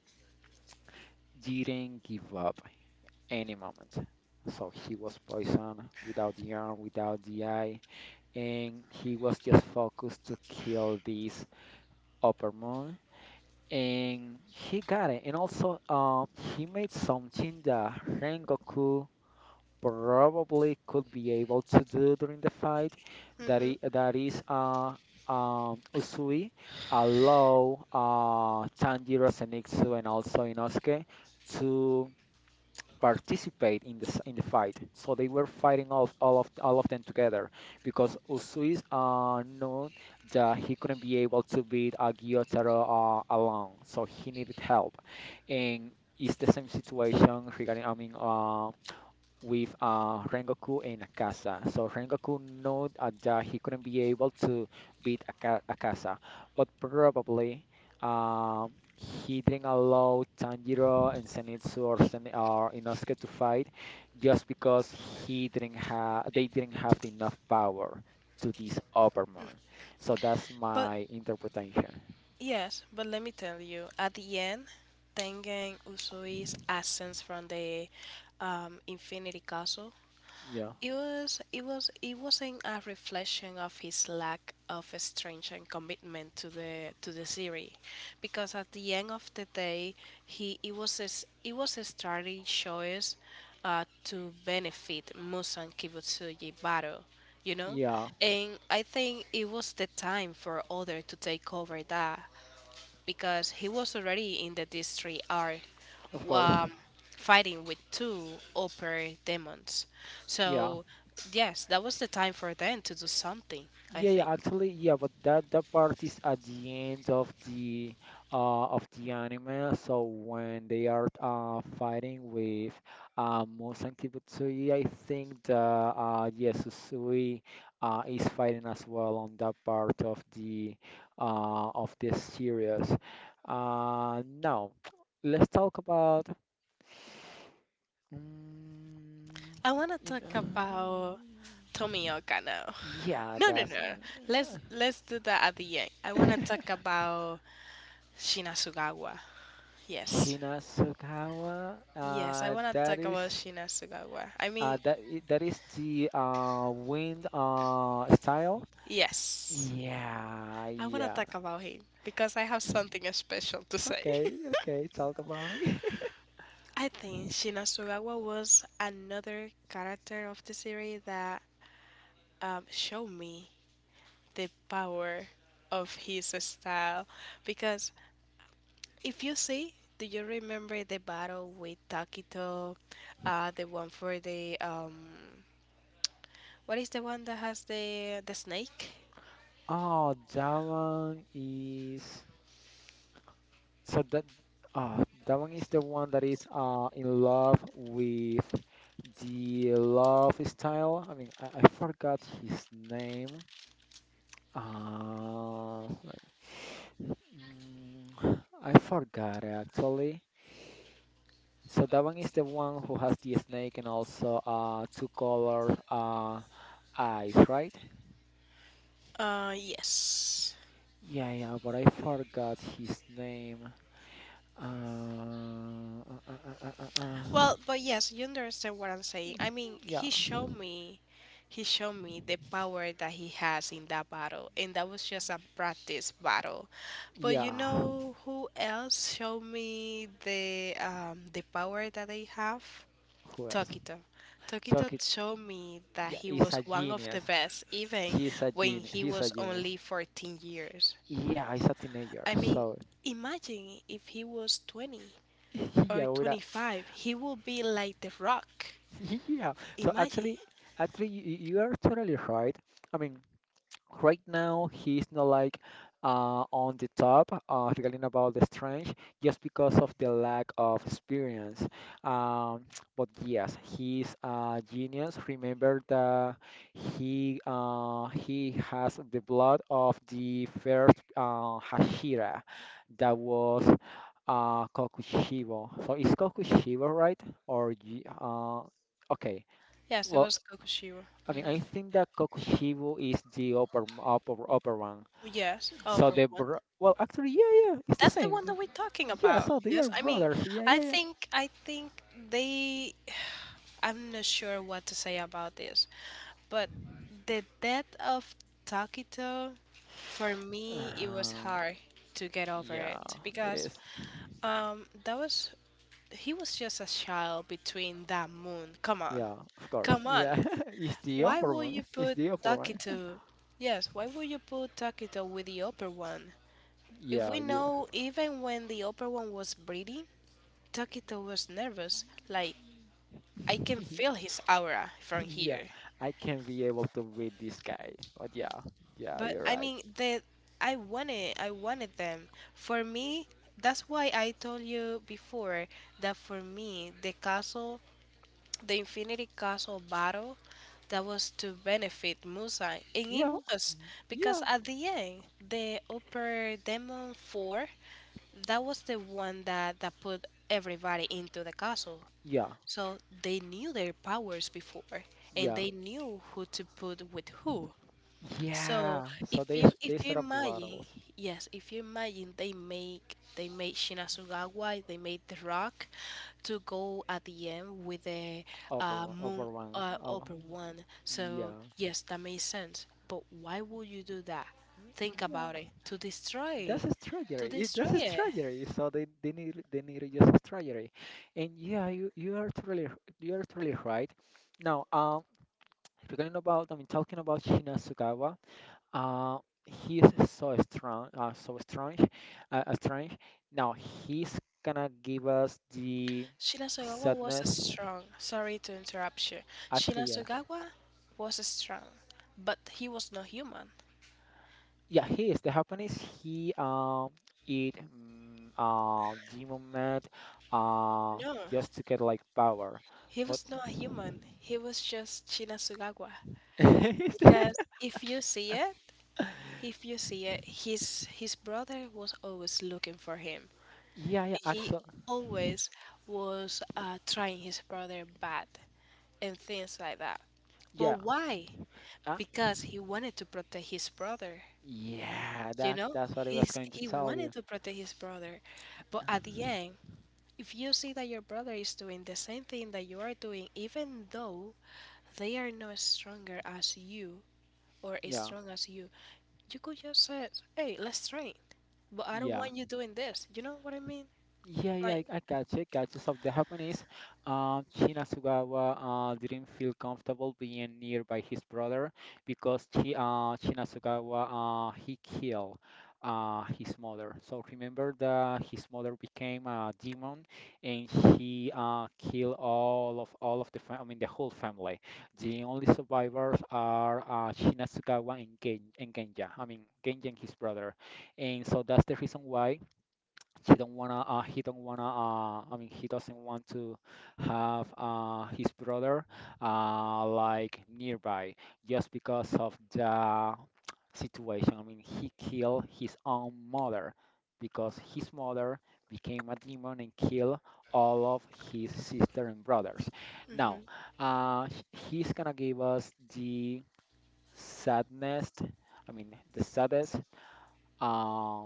[SPEAKER 2] didn't give up any moment. So he was poisoned without the arm, without the eye, and he was just focused to kill this upper moon. And he got it. And also, he made something that Rengoku probably could be able to do during the fight. That
[SPEAKER 1] Hmm.
[SPEAKER 2] is, Usui, allow Tanjiro, Zenitsu, and also Inosuke to participate in the fight. So they were fighting all of them together because Usui knew that he couldn't be able to beat Gyotaro alone, so he needed help. And it's the same situation regarding I mean with Rengoku and Akasa. So Rengoku knew that he couldn't be able to beat Akasa, but probably um, he didn't allow Tanjiro and Zenitsu or Inosuke to fight just because he didn't have they didn't have enough power to this Oberman. So that's
[SPEAKER 1] But
[SPEAKER 2] my interpretation.
[SPEAKER 1] Yes, but let me tell you, at the end, Tengen Usui's ascents from the Infinity Castle.
[SPEAKER 2] Yeah,
[SPEAKER 1] It wasn't a reflection of his lack of strength and commitment to the series, because at the end of the day, he it was a strategy choice to benefit Musan Kibutsuji battle, you know?
[SPEAKER 2] yeah,
[SPEAKER 1] And I think it was the time for other to take over that because he was already in the District R,
[SPEAKER 2] of course.
[SPEAKER 1] um, fighting with two upper demons.
[SPEAKER 2] Yeah.
[SPEAKER 1] So yes, that was the time for them to do something. I
[SPEAKER 2] Yeah, yeah,
[SPEAKER 1] think.
[SPEAKER 2] actually, yeah, but that that part is at the end of the anime. So when they are fighting with Mousan Kibutsui, I think the yeah, Susui is fighting as well on that part of the of this series. Now let's talk about mm,
[SPEAKER 1] I want to
[SPEAKER 2] in, uh,
[SPEAKER 1] talk about Tomioka now.
[SPEAKER 2] yeah,
[SPEAKER 1] No, no,
[SPEAKER 2] that's
[SPEAKER 1] no. Let's do that at the end. I want to talk about Shinasugawa. Yes.
[SPEAKER 2] Hinasokawa,
[SPEAKER 1] Yes, I want to
[SPEAKER 2] that
[SPEAKER 1] talk
[SPEAKER 2] is
[SPEAKER 1] about Shinasugawa. I mean,
[SPEAKER 2] that is the wind style.
[SPEAKER 1] yes.
[SPEAKER 2] Yeah,
[SPEAKER 1] I want to
[SPEAKER 2] yeah.
[SPEAKER 1] talk about him because I have something special to say.
[SPEAKER 2] Okay, okay. Talk about it.
[SPEAKER 1] I think Shinasugawa was another character of the series that showed me the power of his style. Because if you see, do you remember the battle with Takito, the one for the what is the one that has the snake?
[SPEAKER 2] Oh, that one is so that that one is the one that is in love with the love style. I mean, I forgot his name. Uh, let- I forgot actually. So that one is the one who has the snake and also two color eyes, right?
[SPEAKER 1] Yes.
[SPEAKER 2] Yeah, yeah, but I forgot his name. Uh, uh, uh, uh, uh, uh. uh,
[SPEAKER 1] Well, but yes, you understand what I'm saying. I mean,
[SPEAKER 2] Yeah,
[SPEAKER 1] he showed me the power that he has in that battle, and that was just a practice battle. But you
[SPEAKER 2] yeah.
[SPEAKER 1] know who else showed me the power that they have?
[SPEAKER 2] Who else?
[SPEAKER 1] Tokito. Tokito
[SPEAKER 2] Toki,
[SPEAKER 1] showed me that
[SPEAKER 2] yeah,
[SPEAKER 1] he
[SPEAKER 2] is
[SPEAKER 1] was
[SPEAKER 2] a
[SPEAKER 1] one of
[SPEAKER 2] genius.
[SPEAKER 1] the best, even
[SPEAKER 2] She's a
[SPEAKER 1] when
[SPEAKER 2] genius.
[SPEAKER 1] he
[SPEAKER 2] He's a
[SPEAKER 1] was
[SPEAKER 2] genius.
[SPEAKER 1] only 14 years.
[SPEAKER 2] Yeah, he's a teenager.
[SPEAKER 1] I mean,
[SPEAKER 2] So
[SPEAKER 1] imagine if he was 20 or
[SPEAKER 2] yeah, with a
[SPEAKER 1] 25, he would be like the rock.
[SPEAKER 2] yeah. So
[SPEAKER 1] Imagine.
[SPEAKER 2] actually, actually, you are totally right. I mean. Right now he's not like on the top, regarding about the strength, just because of the lack of experience. um, but yes, he's a genius. Remember that he has the blood of the first hashira that was, Kokushibo. So is Kokushibo, right? or Ji- uh, okay.
[SPEAKER 1] Yes, it
[SPEAKER 2] Well,
[SPEAKER 1] was Kokushiro.
[SPEAKER 2] I mean,
[SPEAKER 1] hmm
[SPEAKER 2] I think that Kokushibo is the upper upper one.
[SPEAKER 1] Yes,
[SPEAKER 2] So
[SPEAKER 1] upper
[SPEAKER 2] the
[SPEAKER 1] one.
[SPEAKER 2] bro, well, actually, yeah, yeah, it's the
[SPEAKER 1] That's the
[SPEAKER 2] same.
[SPEAKER 1] one that
[SPEAKER 2] The-
[SPEAKER 1] we're talking
[SPEAKER 2] Yeah,
[SPEAKER 1] about.
[SPEAKER 2] so they are
[SPEAKER 1] Yes, I mean,
[SPEAKER 2] brothers. Yeah, yeah, yeah.
[SPEAKER 1] I think they. I'm not sure what to say about this, but the death of Takito, for me, it was
[SPEAKER 2] Uh,
[SPEAKER 1] hard to get over
[SPEAKER 2] yeah,
[SPEAKER 1] it
[SPEAKER 2] it
[SPEAKER 1] because
[SPEAKER 2] is.
[SPEAKER 1] that was he was just a child between that moon. Come on,
[SPEAKER 2] Yeah, of course.
[SPEAKER 1] come on.
[SPEAKER 2] Yeah, it's the
[SPEAKER 1] Why
[SPEAKER 2] upper
[SPEAKER 1] would
[SPEAKER 2] one.
[SPEAKER 1] you
[SPEAKER 2] It's
[SPEAKER 1] put
[SPEAKER 2] the upper one.
[SPEAKER 1] Taquito? Yes, why would you put Taquito with the upper one? If
[SPEAKER 2] Yeah,
[SPEAKER 1] we
[SPEAKER 2] you.
[SPEAKER 1] know even when the upper one was breathing, Taquito was nervous. Like I can feel his aura from
[SPEAKER 2] Yeah,
[SPEAKER 1] here.
[SPEAKER 2] I can be able to beat this guy. But yeah, yeah,
[SPEAKER 1] But
[SPEAKER 2] you're
[SPEAKER 1] I
[SPEAKER 2] right.
[SPEAKER 1] mean the I wanted them. For me that's why I told you before that for me the Infinity Castle battle that was to benefit Muzan. And it
[SPEAKER 2] Yeah,
[SPEAKER 1] was because
[SPEAKER 2] yeah,
[SPEAKER 1] at the end, the Upper Demon 4, that was the one that put everybody into the castle.
[SPEAKER 2] yeah,
[SPEAKER 1] So they knew their powers before and
[SPEAKER 2] yeah,
[SPEAKER 1] they knew who to put with who. So
[SPEAKER 2] yeah. So
[SPEAKER 1] if you if
[SPEAKER 2] they
[SPEAKER 1] you
[SPEAKER 2] set up the
[SPEAKER 1] imagine,
[SPEAKER 2] battles.
[SPEAKER 1] yes, if you imagine they made Shinasugawa, they made the rock to go at the end with the
[SPEAKER 2] Over one,
[SPEAKER 1] moon
[SPEAKER 2] over one.
[SPEAKER 1] upper one. So
[SPEAKER 2] Yeah,
[SPEAKER 1] yes, that makes sense. But why would you do that?
[SPEAKER 2] mm,
[SPEAKER 1] Think
[SPEAKER 2] yeah,
[SPEAKER 1] about it. To destroy,
[SPEAKER 2] that's a
[SPEAKER 1] to
[SPEAKER 2] strategy. It, that's
[SPEAKER 1] destroy
[SPEAKER 2] a
[SPEAKER 1] it.
[SPEAKER 2] strategy. So they need to use a strategy, and yeah, you are totally you are totally right. Now, regarding about, I mean, talking about Shinasugawa, uh, he's so strong, so strange, strange. Now he's gonna give us the
[SPEAKER 1] Shinasugawa was
[SPEAKER 2] sadness.
[SPEAKER 1] strong. Sorry to interrupt you.
[SPEAKER 2] Actually,
[SPEAKER 1] Shinasugawa was strong, but he was not human.
[SPEAKER 2] yeah, he is. The happen is he eat, demon meat uh
[SPEAKER 1] No,
[SPEAKER 2] just to get like power.
[SPEAKER 1] he
[SPEAKER 2] But
[SPEAKER 1] was not human. He was just Shinasugawa.
[SPEAKER 2] he's the-
[SPEAKER 1] Because if you see it, his brother was always looking for him.
[SPEAKER 2] yeah, yeah,
[SPEAKER 1] He
[SPEAKER 2] actually,
[SPEAKER 1] always was trying his brother bad and things like that. But
[SPEAKER 2] yeah,
[SPEAKER 1] why?
[SPEAKER 2] uh,
[SPEAKER 1] Because he wanted to protect his brother.
[SPEAKER 2] yeah.
[SPEAKER 1] You
[SPEAKER 2] That
[SPEAKER 1] know,
[SPEAKER 2] that's what I was going to
[SPEAKER 1] he
[SPEAKER 2] tell
[SPEAKER 1] wanted
[SPEAKER 2] you.
[SPEAKER 1] to protect his brother, but at the end, if you see that your brother is doing the same thing that you are doing, even though they are not stronger as you or as
[SPEAKER 2] Yeah,
[SPEAKER 1] strong as you, you could just say, hey, let's train. But I don't
[SPEAKER 2] yeah.
[SPEAKER 1] want you doing this. You know what I mean?
[SPEAKER 2] Yeah, yeah, I,
[SPEAKER 1] Like,
[SPEAKER 2] I catch it, catch it. So what happened is, Shinasugawa didn't feel comfortable being near by his brother because Chi, Shinasugawa he killed his mother. So remember that his mother became a demon, and she killed all of the fam I mean the whole family. The only survivors are, Shinasugawa and Gen and Genja. I mean Genja and his brother. And so that's the reason why he don't wanna I mean he doesn't want to have, his brother like nearby just because of the situation. I mean he killed his own mother because his mother became a demon and killed all of his sister and brothers. Now
[SPEAKER 1] hmm
[SPEAKER 2] he's gonna give us the sadness. I mean the saddest uh,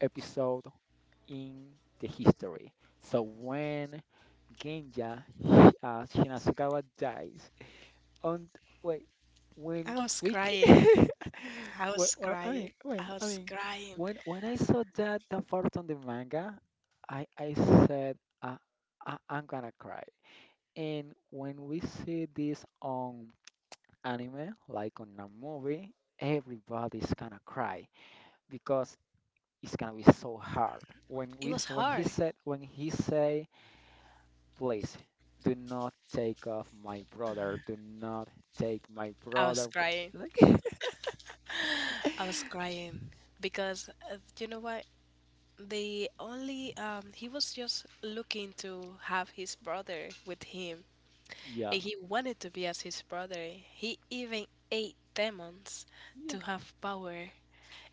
[SPEAKER 2] episode in the history. So when Genja Sh- Shinasugawa dies, on, wait, when
[SPEAKER 1] I was
[SPEAKER 2] we ca-
[SPEAKER 1] crying. I was
[SPEAKER 2] I mean
[SPEAKER 1] crying.
[SPEAKER 2] when,
[SPEAKER 1] I
[SPEAKER 2] I
[SPEAKER 1] was
[SPEAKER 2] mean
[SPEAKER 1] crying.
[SPEAKER 2] when I saw that the part on the manga, I said, I, I'm gonna cry. And when we see this on anime, like on a movie, everybody's gonna cry because it's gonna be so hard. When
[SPEAKER 1] It
[SPEAKER 2] we
[SPEAKER 1] was
[SPEAKER 2] when he
[SPEAKER 1] hard.
[SPEAKER 2] said when he say, please do not take off my brother, do not take my
[SPEAKER 1] I was
[SPEAKER 2] brother.
[SPEAKER 1] crying.
[SPEAKER 2] Like,
[SPEAKER 1] I was crying because you know what? The only He was just looking to have his brother with him,
[SPEAKER 2] yeah,
[SPEAKER 1] and he wanted to be as his brother. He even ate demons
[SPEAKER 2] yeah,
[SPEAKER 1] to have power,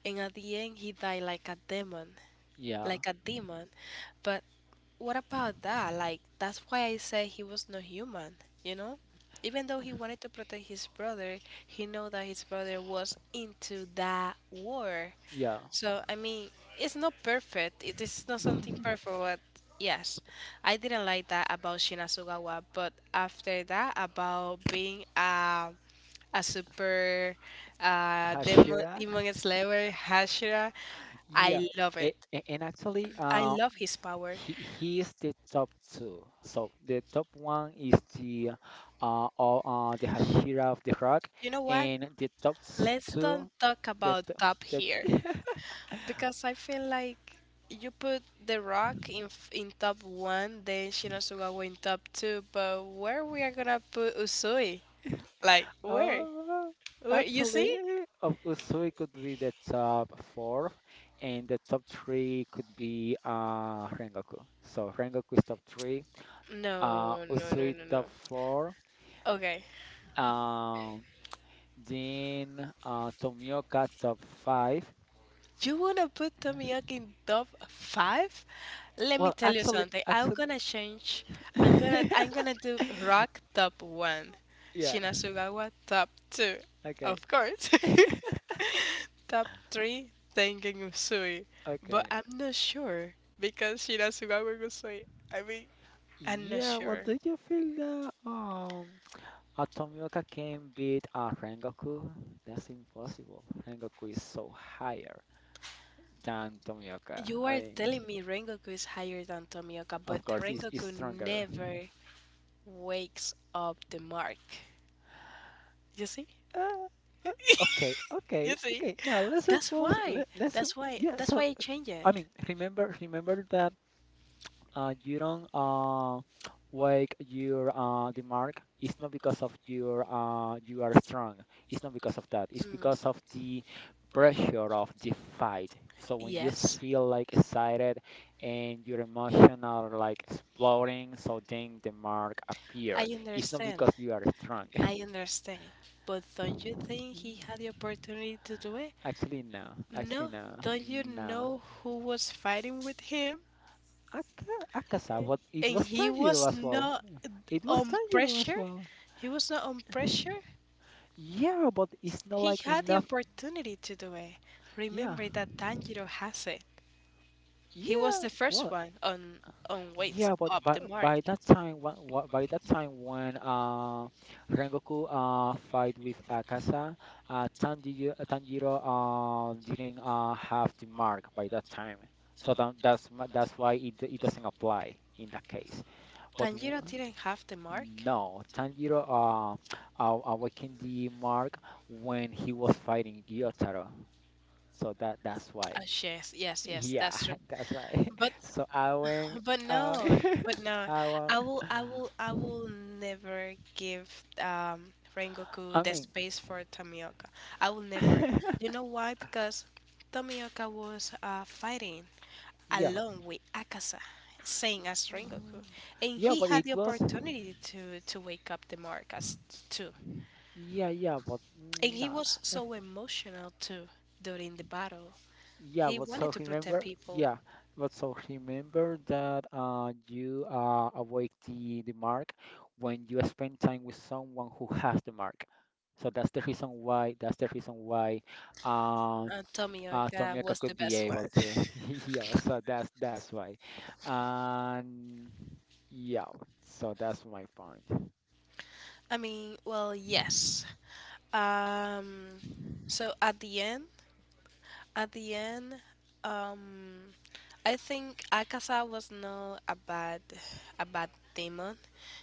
[SPEAKER 1] and at the end, he died like a demon,
[SPEAKER 2] yeah,
[SPEAKER 1] like a demon. But what about that? Like, that's why I say he was not human, you know? Even though he wanted to protect his brother, he knew that his brother was into that war.
[SPEAKER 2] yeah.
[SPEAKER 1] So I mean, it's not perfect. It is not something perfect, but yes, I didn't like that about Shinasugawa. But after that, about being a super demon
[SPEAKER 2] Hashira,
[SPEAKER 1] demon slayer Hashira,
[SPEAKER 2] yeah.
[SPEAKER 1] I love it.
[SPEAKER 2] And actually,
[SPEAKER 1] I love his power.
[SPEAKER 2] he is the top two. So the top one is the, the Hashira of the Rock,
[SPEAKER 1] You know what?
[SPEAKER 2] and the
[SPEAKER 1] Let's don't
[SPEAKER 2] two,
[SPEAKER 1] talk
[SPEAKER 2] the
[SPEAKER 1] about
[SPEAKER 2] t-
[SPEAKER 1] top
[SPEAKER 2] that.
[SPEAKER 1] here. Because I feel like you put The Rock in top one, then Shinasugawa in top two, but where we are gonna put Usui? Like where?
[SPEAKER 2] Uh,
[SPEAKER 1] Where you
[SPEAKER 2] Actually,
[SPEAKER 1] see?
[SPEAKER 2] of Usui could be the top four, and the top three could be, uh, Rengoku. So Rengoku is top three, uh,
[SPEAKER 1] No, no, no,
[SPEAKER 2] Usui
[SPEAKER 1] no, no.
[SPEAKER 2] top four,
[SPEAKER 1] Okay,
[SPEAKER 2] um then Tomioka top five.
[SPEAKER 1] you wanna put Tomiyaki in top five? Let me
[SPEAKER 2] Well,
[SPEAKER 1] tell you something. I'm
[SPEAKER 2] actually,
[SPEAKER 1] gonna change. I'm gonna I'm gonna do Rock top one,
[SPEAKER 2] yeah.
[SPEAKER 1] Shinasugawa top two.
[SPEAKER 2] Okay,
[SPEAKER 1] Of course. Top three Tengengusui. But
[SPEAKER 2] okay.
[SPEAKER 1] I'm not sure because Shirasugawa Gusui. I mean, I'm not
[SPEAKER 2] Yeah. Well,
[SPEAKER 1] sure.
[SPEAKER 2] do you feel that um? Atomioka can beat a Rengoku? That's impossible. Rengoku is so higher than Tomioka.
[SPEAKER 1] You
[SPEAKER 2] I
[SPEAKER 1] are
[SPEAKER 2] mean,
[SPEAKER 1] telling me Rengoku is higher than Tomioka, but
[SPEAKER 2] of course, he's
[SPEAKER 1] Rengoku
[SPEAKER 2] stronger.
[SPEAKER 1] never wakes up the mark. You see?
[SPEAKER 2] Uh, uh, okay, okay,
[SPEAKER 1] You see?
[SPEAKER 2] okay. Now let's
[SPEAKER 1] That's
[SPEAKER 2] suppose,
[SPEAKER 1] why.
[SPEAKER 2] let's
[SPEAKER 1] That's
[SPEAKER 2] sup-
[SPEAKER 1] why.
[SPEAKER 2] yeah.
[SPEAKER 1] That's why
[SPEAKER 2] So
[SPEAKER 1] I change
[SPEAKER 2] I
[SPEAKER 1] it.
[SPEAKER 2] mean, remember that you don't wake your the mark, it's not because of your you are strong, it's not because of that, it's
[SPEAKER 1] Mm.
[SPEAKER 2] because of the pressure of the fight. So when you
[SPEAKER 1] Yes.
[SPEAKER 2] feel like excited and your emotion are like exploding, so then the mark
[SPEAKER 1] I
[SPEAKER 2] appear. It's not
[SPEAKER 1] understand.
[SPEAKER 2] because you are
[SPEAKER 1] Because
[SPEAKER 2] strong.
[SPEAKER 1] I understand. But don't you think he had the opportunity to do it?
[SPEAKER 2] Actually no, actually
[SPEAKER 1] No.
[SPEAKER 2] no.
[SPEAKER 1] Don't you
[SPEAKER 2] No.
[SPEAKER 1] know who was fighting with him?
[SPEAKER 2] Akasa, but it
[SPEAKER 1] And
[SPEAKER 2] was
[SPEAKER 1] he
[SPEAKER 2] Tanjiro
[SPEAKER 1] was
[SPEAKER 2] as well,
[SPEAKER 1] not
[SPEAKER 2] it was
[SPEAKER 1] on
[SPEAKER 2] Tanjiro as
[SPEAKER 1] pressure?
[SPEAKER 2] well.
[SPEAKER 1] He was not on pressure?
[SPEAKER 2] Yeah, but it's not
[SPEAKER 1] He
[SPEAKER 2] like
[SPEAKER 1] had the
[SPEAKER 2] enough.
[SPEAKER 1] opportunity to do it.
[SPEAKER 2] Yeah,
[SPEAKER 1] Remember that Tanjiro has it. He was
[SPEAKER 2] yeah.
[SPEAKER 1] the first
[SPEAKER 2] Well,
[SPEAKER 1] one on weights
[SPEAKER 2] yeah, but
[SPEAKER 1] up
[SPEAKER 2] by
[SPEAKER 1] the mark.
[SPEAKER 2] by that time, when, by that time when, Rengoku fight with Akasa, Tanjiro didn't have the mark by that time, so that's that's why it, it doesn't apply in that case. But w,
[SPEAKER 1] Tanjiro didn't have the mark.
[SPEAKER 2] no, Tanjiro awakened the mark when he was fighting Gyotaro, so that that's
[SPEAKER 1] Ah
[SPEAKER 2] why.
[SPEAKER 1] yes, yes, yes,
[SPEAKER 2] Yeah,
[SPEAKER 1] that's true.
[SPEAKER 2] that's why.
[SPEAKER 1] But
[SPEAKER 2] So I
[SPEAKER 1] no,
[SPEAKER 2] went,
[SPEAKER 1] but no.
[SPEAKER 2] I went.
[SPEAKER 1] I will never give um Rengoku
[SPEAKER 2] I
[SPEAKER 1] the
[SPEAKER 2] mean,
[SPEAKER 1] space for Tamioka. I will never. You know why? Because Tamioka was fighting
[SPEAKER 2] yeah,
[SPEAKER 1] alone with Akasa, same as Rengoku. And
[SPEAKER 2] yeah,
[SPEAKER 1] he
[SPEAKER 2] but
[SPEAKER 1] had
[SPEAKER 2] it
[SPEAKER 1] the
[SPEAKER 2] was,
[SPEAKER 1] opportunity to wake up the mark as too.
[SPEAKER 2] yeah, yeah, but
[SPEAKER 1] And he
[SPEAKER 2] nah.
[SPEAKER 1] was
[SPEAKER 2] I-
[SPEAKER 1] so emotional too during the battle.
[SPEAKER 2] Yeah,
[SPEAKER 1] He
[SPEAKER 2] but
[SPEAKER 1] wanted
[SPEAKER 2] so
[SPEAKER 1] to protect
[SPEAKER 2] remember,
[SPEAKER 1] people.
[SPEAKER 2] yeah, but so remember that you avoid the mark when you spend time with someone who has the mark. So that's the reason why, that's the reason why uh,
[SPEAKER 1] And Tomioka
[SPEAKER 2] Tomioka
[SPEAKER 1] was the
[SPEAKER 2] could be
[SPEAKER 1] best
[SPEAKER 2] able
[SPEAKER 1] one.
[SPEAKER 2] to. Yeah, so that's why. And yeah, so that's my point.
[SPEAKER 1] I mean, well, yes. Um, so at the end, at the end, um, I think Akaza was not a bad demon.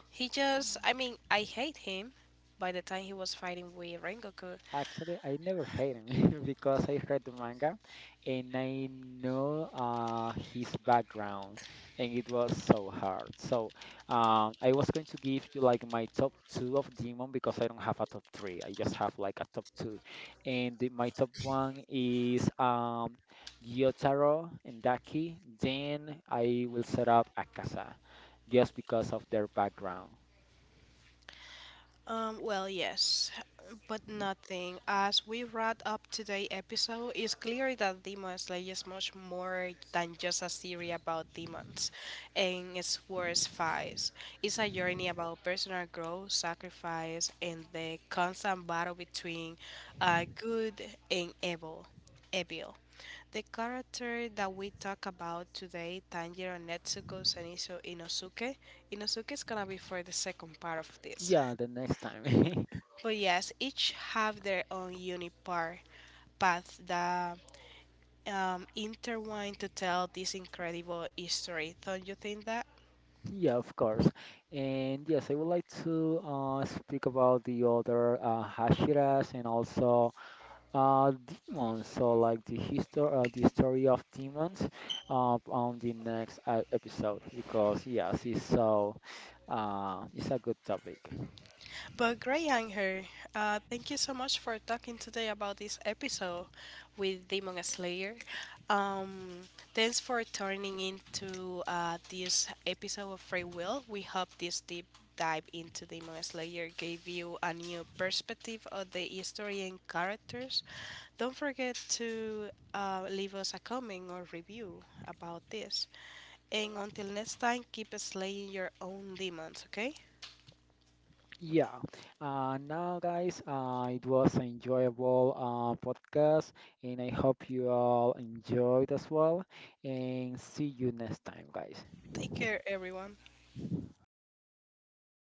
[SPEAKER 1] He just, I mean, I hate him. By the time he was fighting with Rengoku,
[SPEAKER 2] Actually, I never hate him because I read the manga and I know his background, and it was so hard. So I was going to give you like my top two of Demon because I don't have a top three. I just have like a top two, and the, my top one is, Gyotaro and Daki. Then I will set up Akasa just because of their background.
[SPEAKER 1] Well, yes, but nothing. As we wrap up today's episode, it's clear that Demon Slayer is much more than just a series about demons and its worst fights. It's a journey about personal growth, sacrifice, and the constant battle between good and evil. Evil. The character that we talk about today, Tanjiro, Netsuko, Seniso, Inosuke, Inosuke is gonna be for the second part of this.
[SPEAKER 2] Yeah, the next time.
[SPEAKER 1] But yes, each have their own unique path that intertwine to tell this incredible history. Don't you think that?
[SPEAKER 2] Yeah, of course. And yes, I would like to speak about the other Hashiras, and also demons. So, like the history, the story of demons, on the next episode because yes, it's so it's a good topic.
[SPEAKER 1] But great, Angel. Thank you so much for talking today about this episode with Demon Slayer. Um, Thanks for turning into this episode of Free Will. We hope this deep dive into Demon Slayer gave you a new perspective of the history and characters. Don't forget to leave us a comment or review about this. And until next time, keep slaying your own demons, okay?
[SPEAKER 2] Yeah. Now, guys, it was an enjoyable podcast, and I hope you all enjoyed as well. And see you next time, guys.
[SPEAKER 1] Take care, everyone.